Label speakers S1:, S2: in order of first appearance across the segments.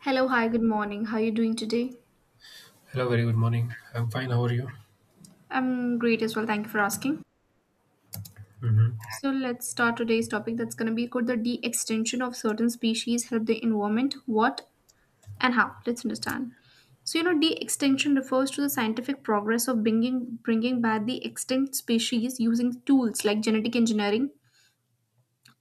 S1: Hello, hi, good morning. How are you doing today?
S2: Hello, very good morning. I'm fine. How are you?
S1: I'm great as well. Thank you for asking. So let's start today's topic. That's going to be, could the de-extinction of certain species help the environment? What and how? Let's understand. De-extinction refers to the scientific progress of bringing back the extinct species using tools like genetic engineering,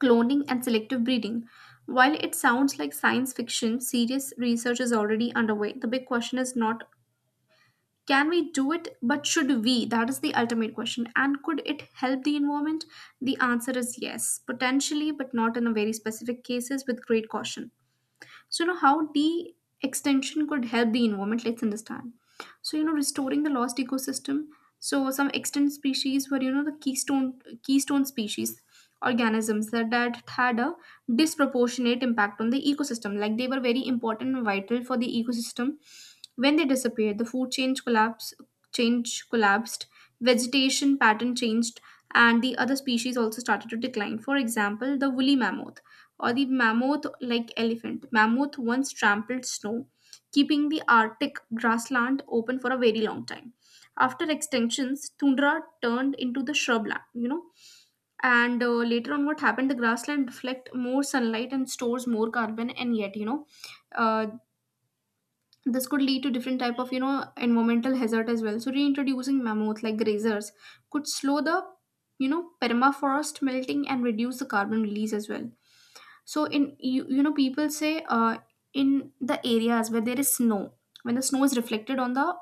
S1: cloning, and selective breeding. While it sounds like science fiction, serious research is already underway. The big question is not, can we do it, but should we? That is the ultimate question. And could it help the environment? The answer is yes, potentially, but not in a very specific cases with great caution. So, how de extension could help the environment, let's understand. Restoring the lost ecosystem. Some extinct species were, you know, the keystone species, organisms that had a disproportionate impact on the ecosystem. Like they were very important and vital for the ecosystem. When they disappeared, the food chain collapsed, vegetation pattern changed, and the other species also started to decline. For example, the woolly mammoth, or the mammoth like elephant. Mammoth once trampled snow, keeping the Arctic grassland open for a very long time. After extinctions, tundra turned into the shrubland, you know. And later on, what happened? The grassland reflect more sunlight and stores more carbon, and yet, uh, this could lead to different type of, you know, environmental hazard as well. So reintroducing mammoth like grazers could slow the, you know, permafrost melting and reduce the carbon release as well. So you know, people say, in the areas where there is snow, when the snow is reflected on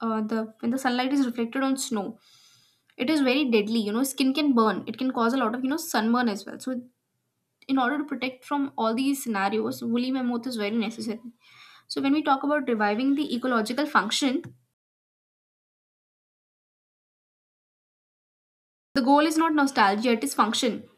S1: the when the sunlight is reflected on snow, it is very deadly. You know, skin can burn. It can cause a lot of, you know, sunburn as well. So in order to protect from all these scenarios, woolly mammoth is very necessary. So when we talk about reviving the ecological function, the goal is not nostalgia; it is function.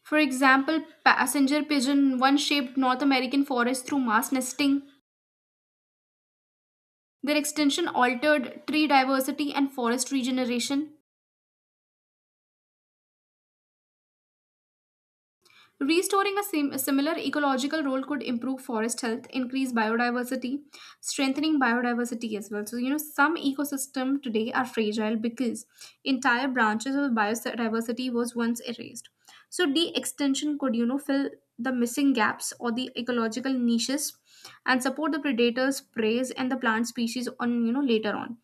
S1: For example, passenger pigeon, one-shaped North American forest through mass nesting. Their extension altered tree diversity and forest regeneration. Restoring a, a similar ecological role could improve forest health, increase biodiversity, strengthening biodiversity as well. So, you know, some ecosystem today are fragile because entire branches of biodiversity was once erased. So de-extension could, you know, fill the missing gaps or the ecological niches and support the predators, preys, and the plant species on, you know. Later on,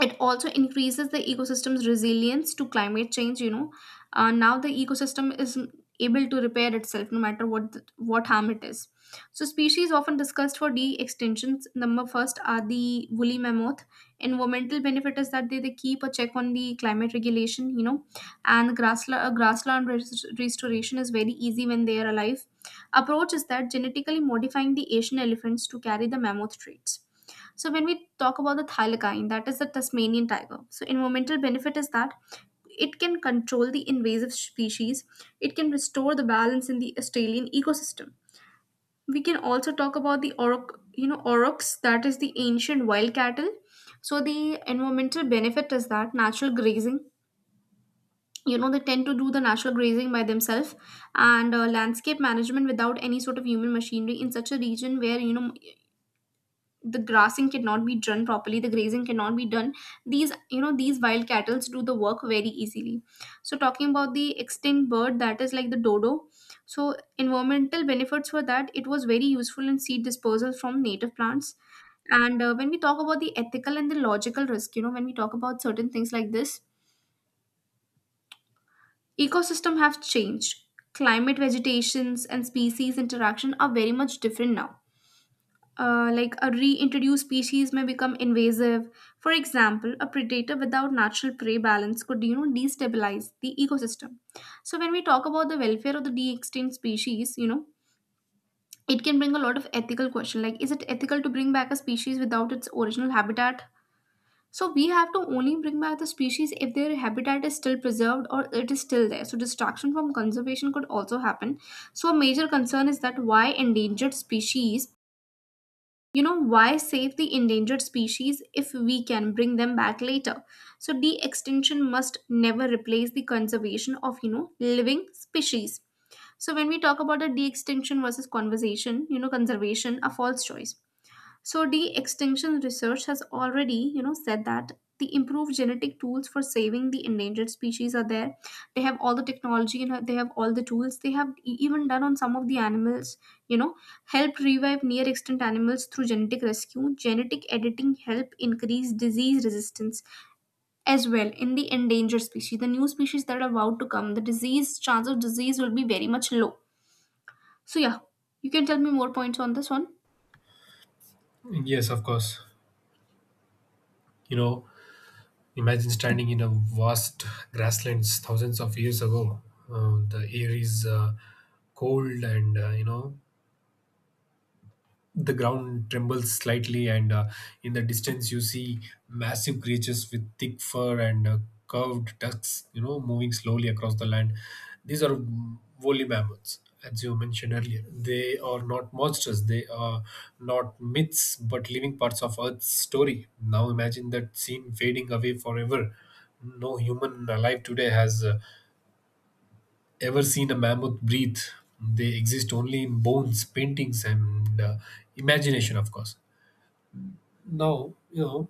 S1: it also increases the ecosystem's resilience to climate change, now the ecosystem is able to repair itself no matter what harm it is. So species often discussed for de extinctions number first are the woolly mammoth. Environmental benefit is that they keep a check on the climate regulation, you know. And restoration is very easy when they are alive. Approach is that genetically modifying the Asian elephants to carry the mammoth traits. So when we talk about the thylakine, that is the Tasmanian tiger. So environmental benefit is that it can control the invasive species, it can restore the balance in the Australian ecosystem. We can also talk about the auroch, you know, aurochs, that is the ancient wild cattle. So the environmental benefit is that natural grazing. You know, they tend to do the natural grazing by themselves. And landscape management without any sort of human machinery in such a region where, you know, the grazing cannot be done, these, you know, these wild cattle do the work very easily. So talking about the extinct bird that is like the dodo, so environmental benefits were that it was very useful in seed disposal from native plants. And when we talk about the ethical and the logical risk, you know, when we talk about certain things like this, ecosystem have changed, climate vegetations and species interaction are very much different now. Like a reintroduced species may become invasive. For example, a predator without natural prey balance could, you know, destabilize the ecosystem. So when we talk about the welfare of the de-extinct species, you know, it can bring a lot of ethical question, like is it ethical to bring back a species without its original habitat? So we have to only bring back the species if their habitat is still preserved or it is still there. So distraction from conservation could also happen. So a major concern is that, why endangered species, you know, why save the endangered species if we can bring them back later? So de-extinction must never replace the conservation of, you know, living species. So when we talk about the de-extinction versus conservation, you know, conservation a false choice. So de-extinction research has already, you know, said that the improved genetic tools for saving the endangered species are there. They have all the technology and they have all the tools. They have even done on some of the animals, you know, help revive near extinct animals through genetic rescue. Genetic editing help increase disease resistance as well in the endangered species. The new species that are about to come, the disease, chance of disease will be very much low. So yeah, you can tell me more points on this one.
S2: Yes, of course. You know, imagine standing in a vast grasslands thousands of years ago. The air is cold, and the ground trembles slightly. And in the distance, you see massive creatures with thick fur and curved tusks, moving slowly across the land. These are woolly mammoths, as you mentioned earlier. They are not monsters, they are not myths, but living parts of Earth's story. Now imagine that scene fading away forever. No human alive today has ever seen a mammoth breathe. They exist only in bones, paintings, and imagination, of course. Now, you know,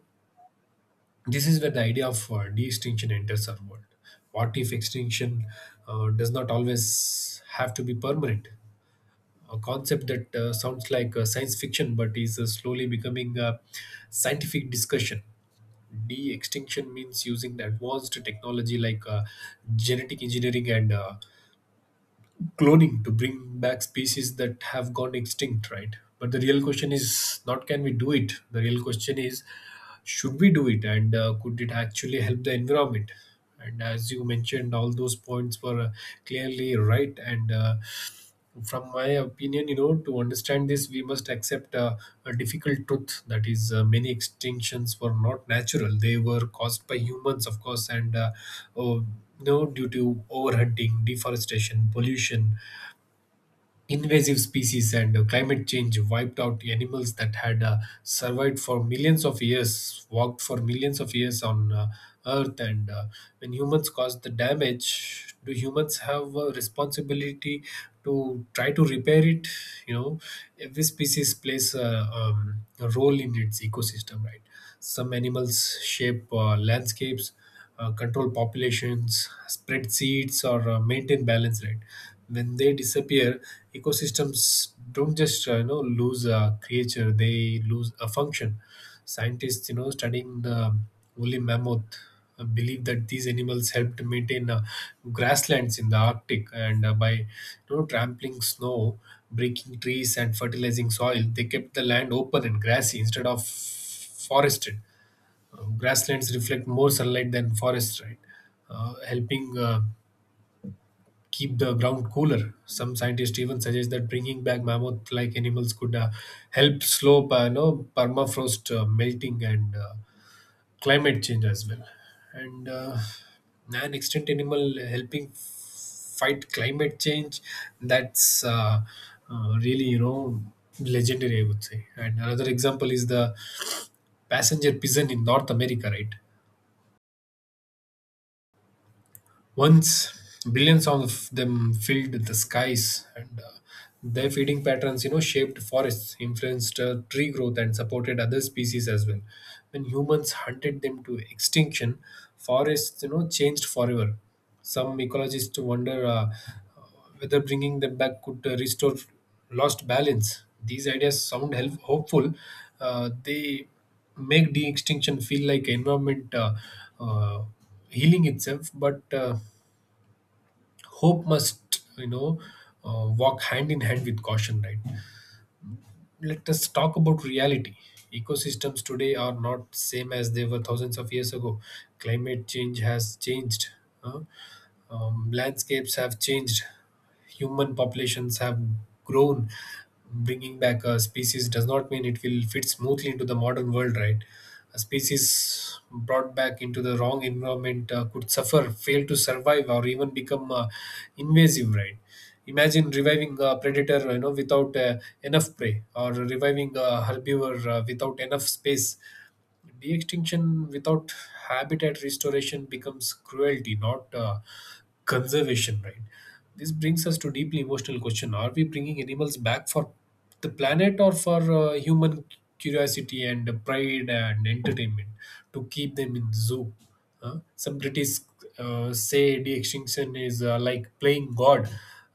S2: this is where the idea of de-extinction enters our world. What if extinction does not always have to be permanent? A concept that sounds like science fiction but is slowly becoming a scientific discussion. De-extinction means using the advanced technology like genetic engineering and cloning to bring back species that have gone extinct, right? But the real question is not, can we do it? The real question is, should we do it, and could it actually help the environment? And as you mentioned, all those points were clearly right. And from my opinion, you know, to understand this, we must accept a difficult truth, that is, many extinctions were not natural. They were caused by humans, of course, and uh, you know, due to overhunting, deforestation, pollution, invasive species, and climate change wiped out animals that had survived for millions of years, walked for millions of years on earth. And when humans caused the damage, do humans have a responsibility to try to repair it you know every species plays a role in its ecosystem, right? Some animals shape landscapes, control populations, spread seeds, or maintain balance. Right. When they disappear, ecosystems don't just lose a creature; they lose a function. Scientists, you know, studying the woolly mammoth, believe that these animals helped maintain grasslands in the Arctic, and by trampling snow, breaking trees, and fertilizing soil, they kept the land open and grassy instead of forested. Grasslands reflect more sunlight than forests, right? Helping keep the ground cooler. Some scientists even suggest that bringing back mammoth-like animals could help slow, permafrost melting and climate change as well. And an extinct animal helping fight climate change. That's really, you know, legendary, I would say. And another example is the passenger pigeon in North America, right? Once billions of them filled the skies, and their feeding patterns, you know, shaped forests, influenced tree growth, and supported other species as well. When humans hunted them to extinction, forests, you know, changed forever. Some ecologists wonder whether bringing them back could restore lost balance. These ideas sound hopeful. They make de-extinction feel like environment uh, healing itself, but hope must walk hand in hand with caution, right? Let us talk about reality. Ecosystems today are not same as they were thousands of years ago. Climate change has changed. Huh? Landscapes have changed. Human populations have grown. Bringing back a species does not mean it will fit smoothly into the modern world, right? A species brought back into the wrong environment could suffer, fail to survive, or even become invasive, right? Imagine reviving a predator, you know, without enough prey, or reviving a herbivore without enough space. De-extinction without habitat restoration becomes cruelty, not conservation, right? This brings us to deeply emotional question: Are we bringing animals back for the planet, or for human curiosity and pride and entertainment, to keep them in zoo? Huh? Some critics say de-extinction is like playing God.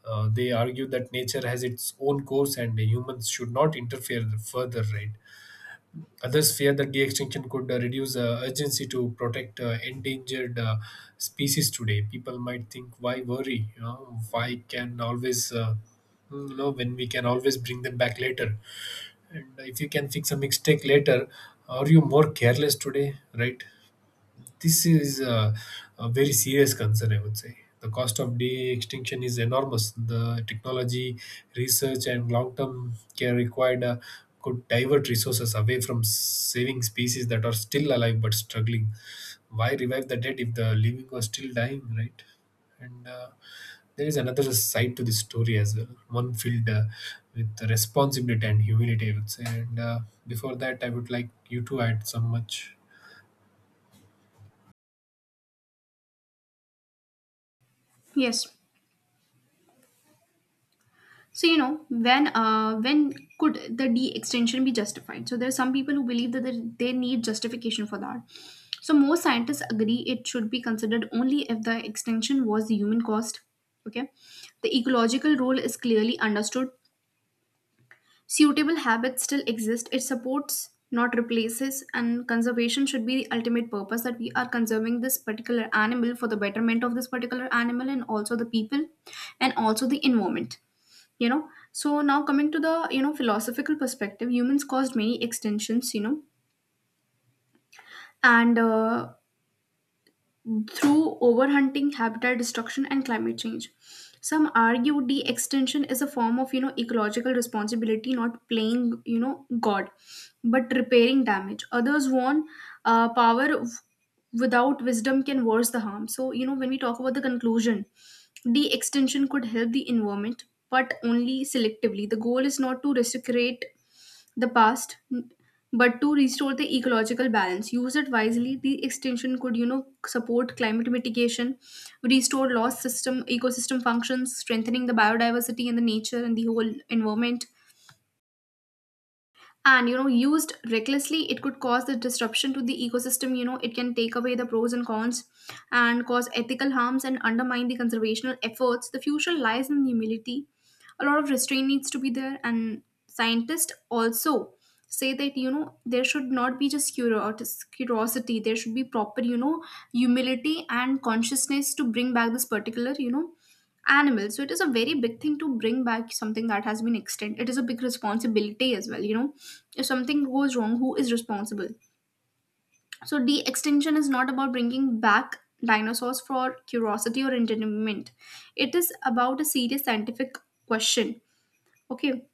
S2: They argue that nature has its own course and humans should not interfere further, right? Others fear that the extinction could reduce urgency to protect endangered species today. People might think, why worry? You know, why can always, hmm, you know, when we can always bring them back later? And if you can fix a mistake later, are you more careless today, right? This is a very serious concern, I would say. The cost of day extinction is enormous. The technology, research, and long term care required could divert resources away from saving species that are still alive but struggling. Why revive the dead if the living are still dying, right? And there is another side to this story as well, one filled with responsibility and humility, I would say. And before that, I would like you to add some much.
S1: Yes. So you know, when could the D extension be justified? So there are some people who believe that they need justification for that. So most scientists agree it should be considered only if the extension was the human cost. Okay, the ecological role is clearly understood. Suitable habits still exist. It supports, not replaces, and conservation should be the ultimate purpose, that we are conserving this particular animal for the betterment of this particular animal and also the people and also the environment, you know. So now coming to the, you know, philosophical perspective, humans caused many extensions, you know. And Through overhunting, habitat destruction, and climate change. Some argue the extension is a form of, you know, ecological responsibility, not playing, you know, God, but repairing damage. Others warn, uh, power w- without wisdom can worse the harm. So you know, when we talk about the conclusion, the extension could help the environment, but only selectively. The goal is not to resuscitate the past, but to restore the ecological balance. Use it wisely, the extension could, you know, support climate mitigation, restore lost system, ecosystem functions, strengthening the biodiversity and the nature and the whole environment. And you know, used recklessly, it could cause the disruption to the ecosystem, you know. It can take away the pros and cons and cause ethical harms and undermine the conservational efforts. The future lies in humility. A lot of restraint needs to be there. And scientists also say that, you know, there should not be just curiosity, there should be proper, you know, humility and consciousness to bring back this particular, you know, animals. So it is a very big thing to bring back something that has been extinct. It is a big responsibility as well, you know. If something goes wrong, who is responsible? So de-extinction is not about bringing back dinosaurs for curiosity or entertainment. It is about a serious scientific question. Okay,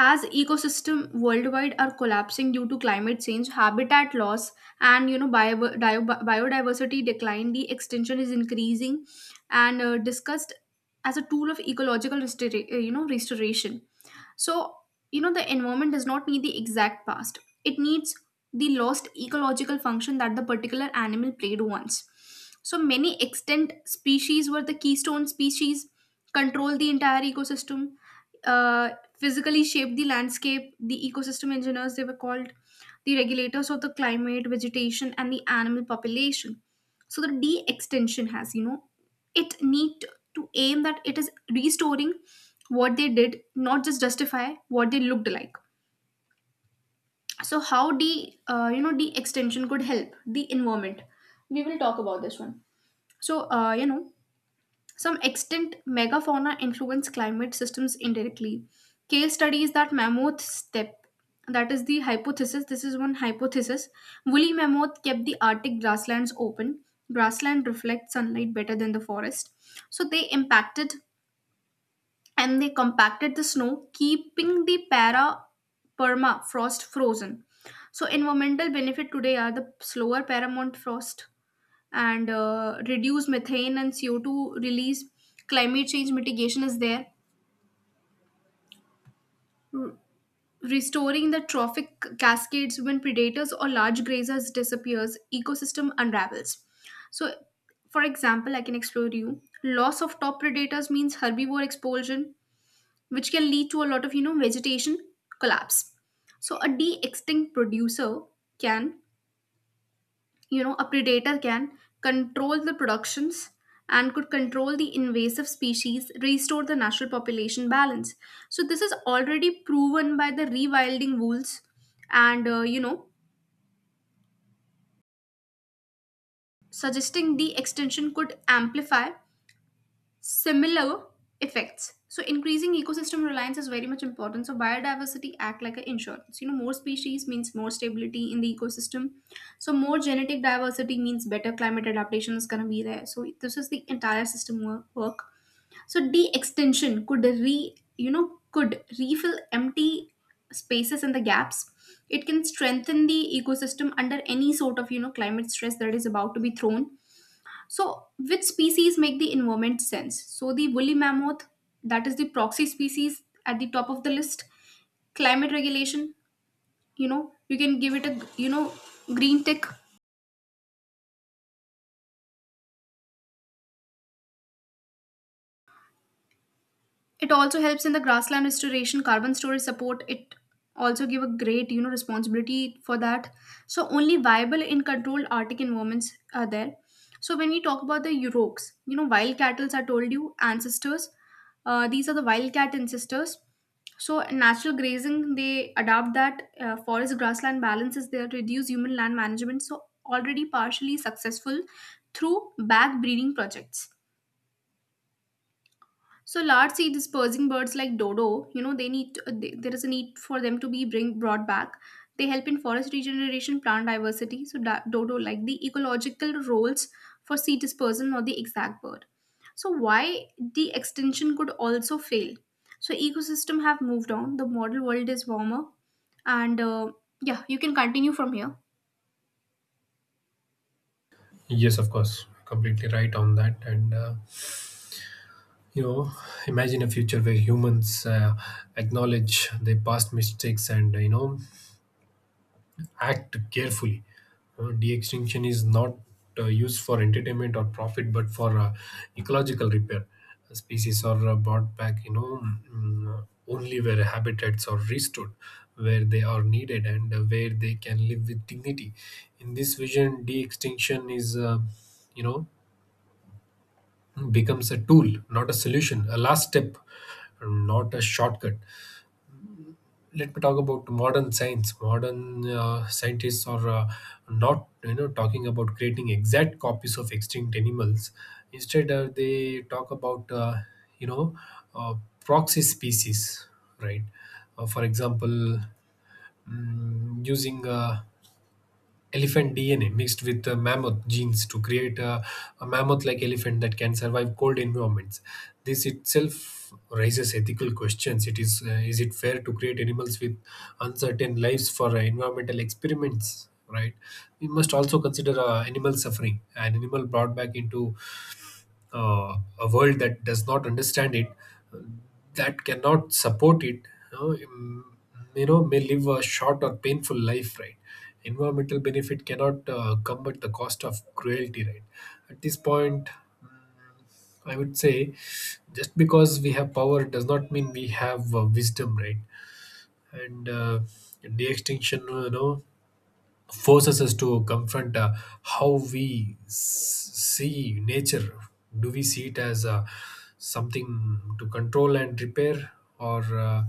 S1: as ecosystem worldwide are collapsing due to climate change, habitat loss, and you know, biodiversity decline, the extinction is increasing and discussed as a tool of ecological you know, restoration. So, you know, the environment does not need the exact past, it needs the lost ecological function that the particular animal played once. So, many extant species were the keystone species, control the entire ecosystem, uh, physically shape the landscape, the ecosystem engineers they were called, the regulators of the climate, vegetation, and the animal population. So the D extension has, you know, it need to aim that it is restoring what they did, not just justify what they looked like. So how you know, D extension could help the environment. We will talk about this one. So you know, some extinct megafauna influence climate systems indirectly. Case studies that mammoth steppe, that is the hypothesis, this is one hypothesis. Woolly mammoth kept the Arctic grasslands open. Grassland reflects sunlight better than the forest. So they impacted and they compacted the snow, keeping the para perma frost frozen. So environmental benefit today are the slower paramount frost, and reduce methane and CO2 release. Climate change mitigation is there. R- Restoring the trophic cascades, when predators or large grazers disappears, ecosystem unravels. So, for example, I can explore you. Loss of top predators means herbivore expulsion, which can lead to a lot of, you know, vegetation collapse. So, a de-extinct producer can, a predator can control the productions and could control the invasive species, restore the natural population balance. So this is already proven by the rewilding rules, and suggesting the extension could amplify similar effects. So increasing ecosystem reliance is very much important. So biodiversity act like an insurance. More species means more stability in the ecosystem. So more genetic diversity means better climate adaptation is gonna be there. So this is the entire system work. So de extinction could re could refill empty spaces and the gaps. It can strengthen the ecosystem under any sort of climate stress that is about to be thrown. So, which species make the environment sense? So, the woolly mammoth, that is the proxy species at the top of the list. Climate regulation, you can give it a green tick. It also helps in the grassland restoration, carbon storage support. It also give a great responsibility for that. So only viable in controlled Arctic environments are there. So when we talk about the Yuroks, wild cattle I told you ancestors, these are the wildcat ancestors. So natural grazing, they adapt that forest grassland balance is there, reduce human land management, so already partially successful through back breeding projects. So large sea dispersing birds like dodo, they need to, they, there is a need for them to be bring brought back. They help in forest regeneration, plant diversity. So dodo like the ecological roles for sea dispersion, not the exact bird. So why the extinction could also fail? So ecosystem have moved on. The model world is warmer, and yeah, you can continue from here.
S2: Yes, of course, completely right on that. And you know, imagine a future where humans acknowledge their past mistakes and act carefully. De-extinction is not used for entertainment or profit, but for ecological repair. Species are brought back, you know, only where habitats are restored, where they are needed, and where they can live with dignity. In this vision, de-extinction is, you know becomes a tool, not a solution, a last step, not a shortcut. Let me talk about modern science. Modern scientists are not, you know, talking about creating exact copies of extinct animals. Instead, they talk about, you know, uh, proxy species, right? For example, using elephant DNA mixed with the mammoth genes to create a mammoth like elephant that can survive cold environments. This itself raises ethical questions. Is it fair to create animals with uncertain lives for environmental experiments? Right, we must also consider animal suffering. An animal brought back into a world that does not understand it, uh, that cannot support it, you know, mm, may live a short or painful life, right? Environmental benefit cannot come at the cost of cruelty, right? At this point, mm, I would say, just because we have power does not mean we have wisdom, right? And de extinction, you know, forces us to confront how we see nature. Do we see it as something to control and repair, or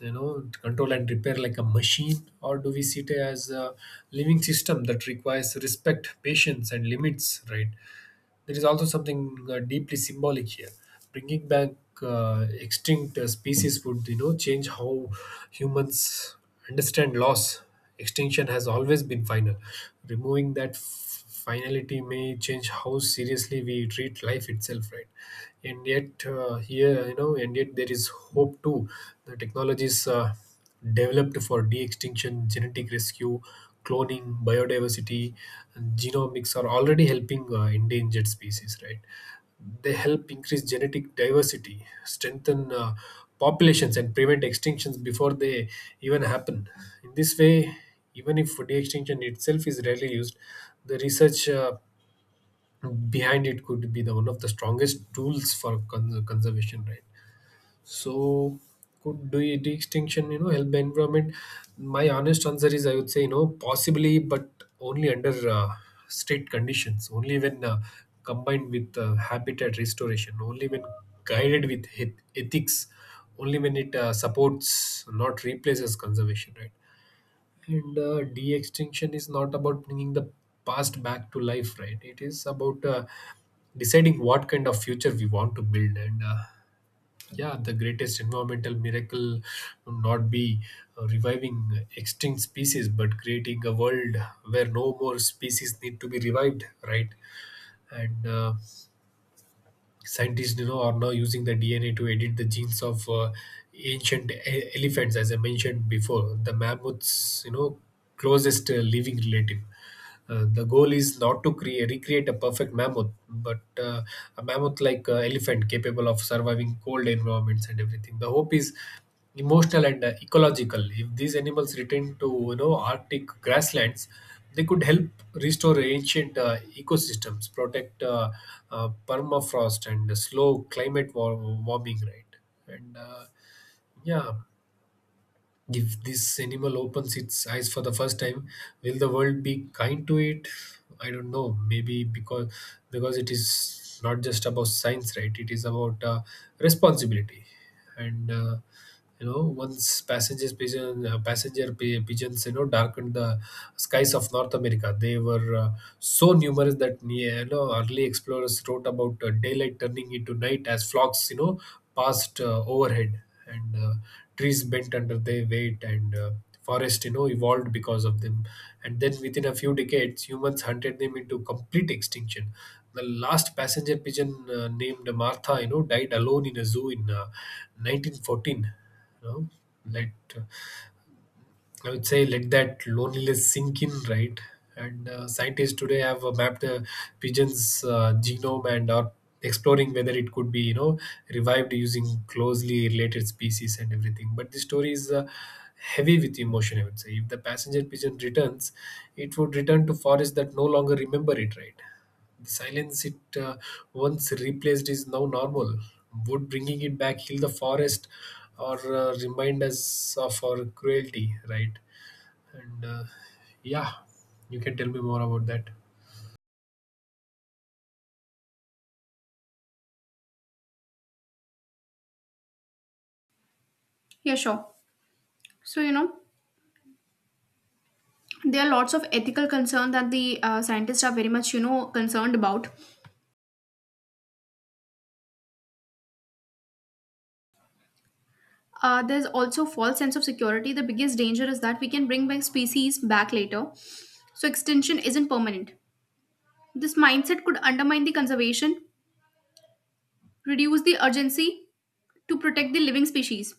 S2: you know, control and repair like a machine, or do we see it as a living system that requires respect, patience, and limits? Right. There is also something deeply symbolic here. Bringing back extinct species would, you know, change how humans understand loss. Extinction has always been final. Removing that finality may change how seriously we treat life itself, right? And yet, here, you know, and yet there is hope too. The technologies. Developed for de-extinction, genetic rescue, cloning, biodiversity, and genomics are already helping endangered species, right? They help increase genetic diversity, strengthen populations, and prevent extinctions before they even happen. In this way, even if de-extinction itself is rarely used, the research behind it could be the one of the strongest tools for conservation, right? So could do you distinction, you know, help the environment? My honest answer is, I would say, you know, possibly, but only under strict conditions, only when combined with habitat restoration, only when guided with ethics, only when it supports, not replaces conservation, right? And de extinction is not about bringing the past back to life, right? It is about deciding what kind of future we want to build, and yeah, the greatest environmental miracle would not be reviving extinct species, but creating a world where no more species need to be revived, right? And scientists, you know, are now using the DNA to edit the genes of ancient elephants, as I mentioned before. The mammoths, you know, closest living relative. The goal is not to create recreate a perfect mammoth, but a mammoth like elephant capable of surviving cold environments and everything. The hope is emotional and ecological. If these animals return to, you know, Arctic grasslands, they could help restore ancient ecosystems, protect permafrost, and slow climate warming, right? And yeah, if this animal opens its eyes for the first time, will the world be kind to it? I don't know, maybe, because it is not just about science, right? It is about responsibility. And you know, once passenger pigeons, you know, darkened the skies of North America. They were so numerous that, you know, early explorers wrote about daylight turning into night as flocks, you know, passed overhead. And trees bent under their weight, and forest, you know, evolved because of them. And then within a few decades humans hunted them into complete extinction. The last passenger pigeon, named Martha, you know, died alone in a zoo in 1914. you know Let, I would say, let that loneliness sink in, right? And scientists today have mapped a pigeon's genome and are exploring whether it could be revived using closely related species and everything. But the story is heavy with emotion, I would say. If the passenger pigeon returns, it would return to forests that no longer remember it, right? The silence it once replaced is now normal. Would bringing it back heal the forest, or remind us of our cruelty, right? And yeah, you can tell me more about that.
S1: Yeah, sure. So, there are lots of ethical concern that the scientists are very much, concerned about. There's also false sense of security. The biggest danger is that we can bring back species back later, so extinction isn't permanent. This mindset could undermine the conservation, reduce the urgency to protect the living species.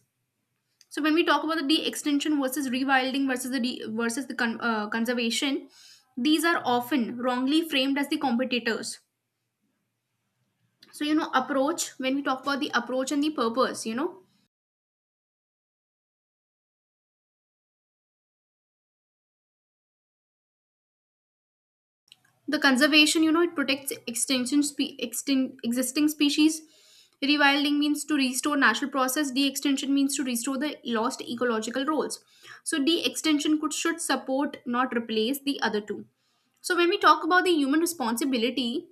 S1: So when we talk about the de-extinction versus rewilding versus the versus the conservation, these are often wrongly framed as the competitors. So approach, when we talk about the approach and the purpose, the conservation, it protects existing species. Rewilding means to restore natural process. De-extinction means to restore the lost ecological roles. So de-extinction could should support, not replace the other two. So when we talk about the human responsibility,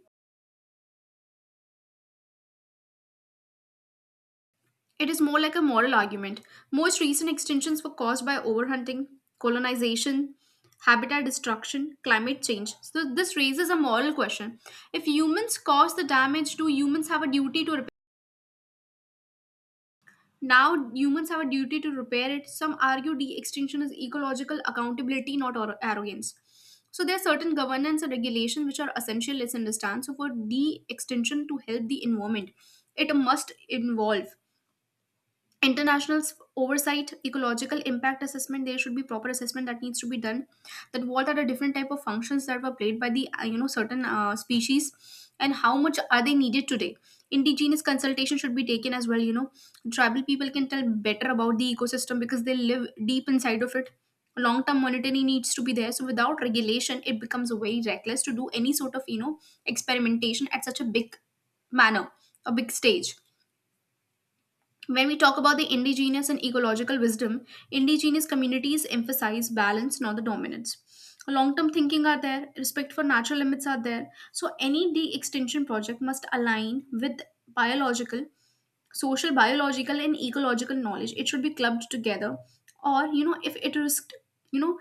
S1: it is more like a moral argument. Most recent extinctions were caused by overhunting, colonization, habitat destruction, climate change. So this raises a moral question: if humans cause the damage, do humans have a duty to repair? Now humans have a duty to repair it. Some argue de-extinction is ecological accountability, not arrogance. So there are certain governance and regulation which are essential. Let's understand. So for de-extinction to help the environment, it must involve international oversight, ecological impact assessment. There should be proper assessment that needs to be done, that what are the different type of functions that were played by the certain species, and how much are they needed today. Indigenous consultation should be taken as well. Tribal people can tell better about the ecosystem because they live deep inside of it. Long term monitoring needs to be there. So without regulation it becomes very reckless to do any sort of experimentation at such a big manner, a big stage. When we talk about the indigenous and ecological wisdom, indigenous communities emphasize balance, not the dominance. Long term thinking are there, respect for natural limits are there. So, any de extinction project must align with biological, social, biological, and ecological knowledge. It should be clubbed together, or if it risked, you know,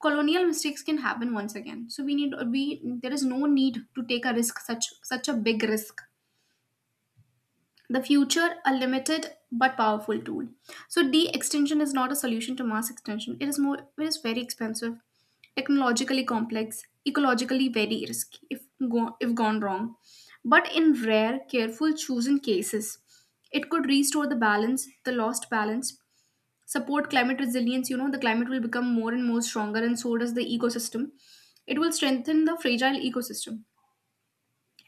S1: colonial mistakes can happen once again. So, we there is no need to take a risk, such a big risk. The future a limited but powerful tool. So d extension is not a solution to mass extinction. It is more, it is very expensive, technologically complex, ecologically very risky if gone wrong. But in rare careful chosen cases, it could restore the balance, the lost balance, support climate resilience. You know the climate will become more and more stronger, and so does the ecosystem. It will strengthen the fragile ecosystem.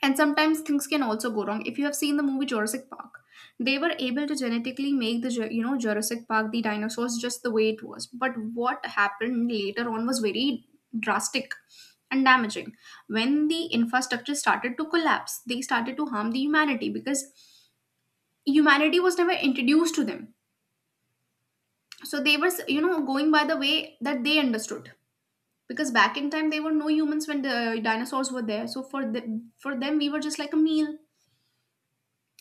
S1: And sometimes things can also go wrong. If you have seen the movie Jurassic Park, they were able to genetically make the Jurassic Park, the dinosaurs just the way it was. But what happened later on was very drastic and damaging. When the infrastructure started to collapse, they started to harm the humanity because humanity was never introduced to them. So they were going by the way that they understood. Because back in time, there were no humans when the dinosaurs were there. So for them, we were just like a meal.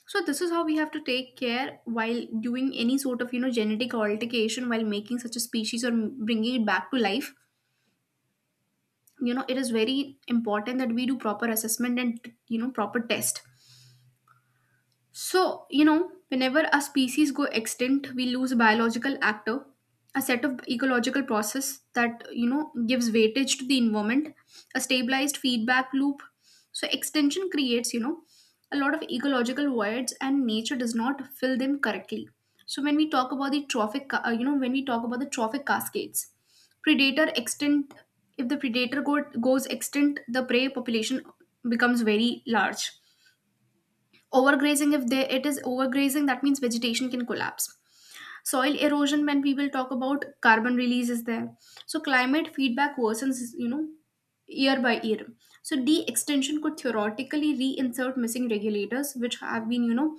S1: So this is how we have to take care while doing any sort of genetic altercation while making such a species or bringing it back to life. You know it is very important that we do proper assessment and proper test. So, whenever a species go extinct, we lose a biological actor, a set of ecological process that, gives weightage to the environment, a stabilized feedback loop. So extinction creates, a lot of ecological voids, and nature does not fill them correctly. So when we talk about the trophic, ca- you know, when we talk about the trophic cascades, predator extinct, if the goes extinct, the prey population becomes very large. Overgrazing, if they, it is overgrazing, that means vegetation can collapse. Soil erosion, when we will talk about carbon release, is there. So climate feedback worsens, year by year. So de-extension could theoretically reinsert missing regulators, which have been,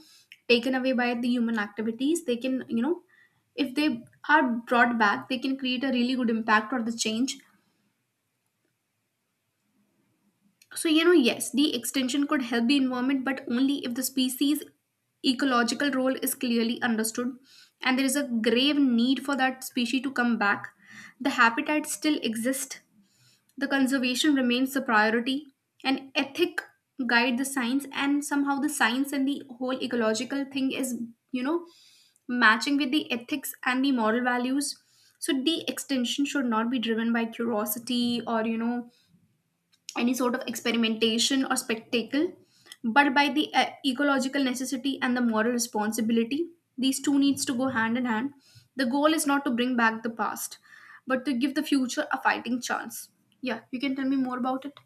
S1: taken away by the human activities. They can, if they are brought back, they can create a really good impact or the change. So, yes, the extension could help the environment, but only if the species' ecological role is clearly understood and there is a grave need for that species to come back. The habitat still exists, the conservation remains the priority, and ethic guide the science, and somehow the science and the whole ecological thing is, you know, matching with the ethics and the moral values. So, the extension should not be driven by curiosity or, any sort of experimentation or spectacle, but by the ecological necessity and the moral responsibility. These two needs to go hand in hand. The goal is not to bring back the past, but to give the future a fighting chance. Yeah, you can tell me more about it.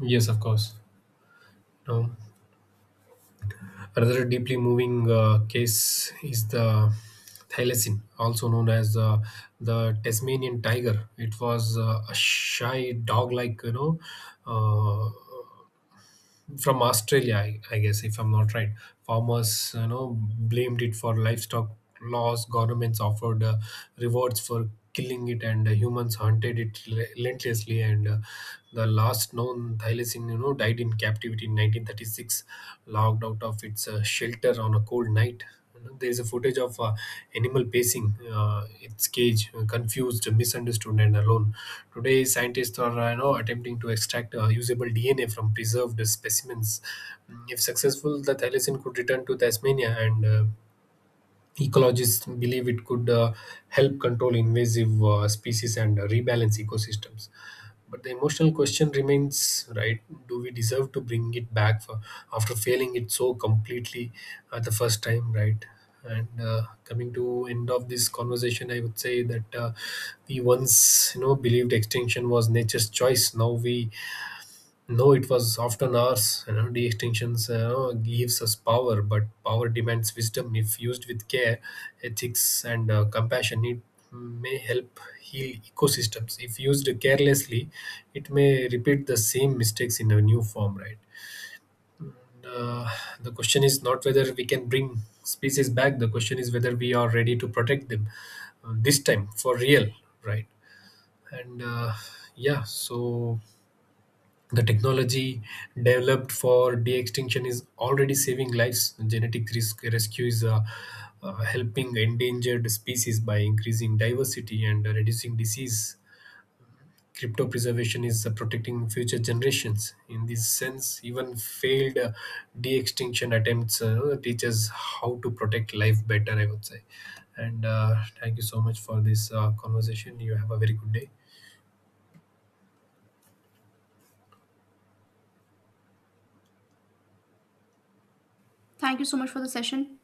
S2: Yes, of course. No. Another deeply moving case is the thylacine, also known as the Tasmanian tiger. It was a shy dog like, you know, uh, from Australia, I guess, if I'm not right. Farmers, you know, blamed it for livestock laws. Governments offered rewards for killing it, and humans hunted it relentlessly. And the last known thylacine, you know, died in captivity in 1936, locked out of its shelter on a cold night. You know, there is a footage of animal pacing its cage, confused, misunderstood, and alone. Today, scientists are attempting to extract usable DNA from preserved specimens. If successful, the thylacine could return to Tasmania, and ecologists believe it could help control invasive species and rebalance ecosystems. But the emotional question remains, right? Do we deserve to bring it back, for, after failing it so completely at the first time, right? And coming to end of this conversation, I would say that we once, you know, believed extinction was nature's choice. Now we no, it was often ours. You know, de-extinction you know, gives us power, but power demands wisdom. If used with care, ethics, and compassion, it may help heal ecosystems. If used carelessly, it may repeat the same mistakes in a new form. Right. uh, the question is not whether we can bring species back. The question is whether we are ready to protect them this time for real. Right. And yeah, so the technology developed for de-extinction is already saving lives. Genetic risk rescue is helping endangered species by increasing diversity and reducing disease. Crypto preservation is protecting future generations. In this sense, even failed de-extinction attempts teach us how to protect life better, I would say. And thank you so much for this conversation. You have a very good day.
S1: Thank you so much for the session.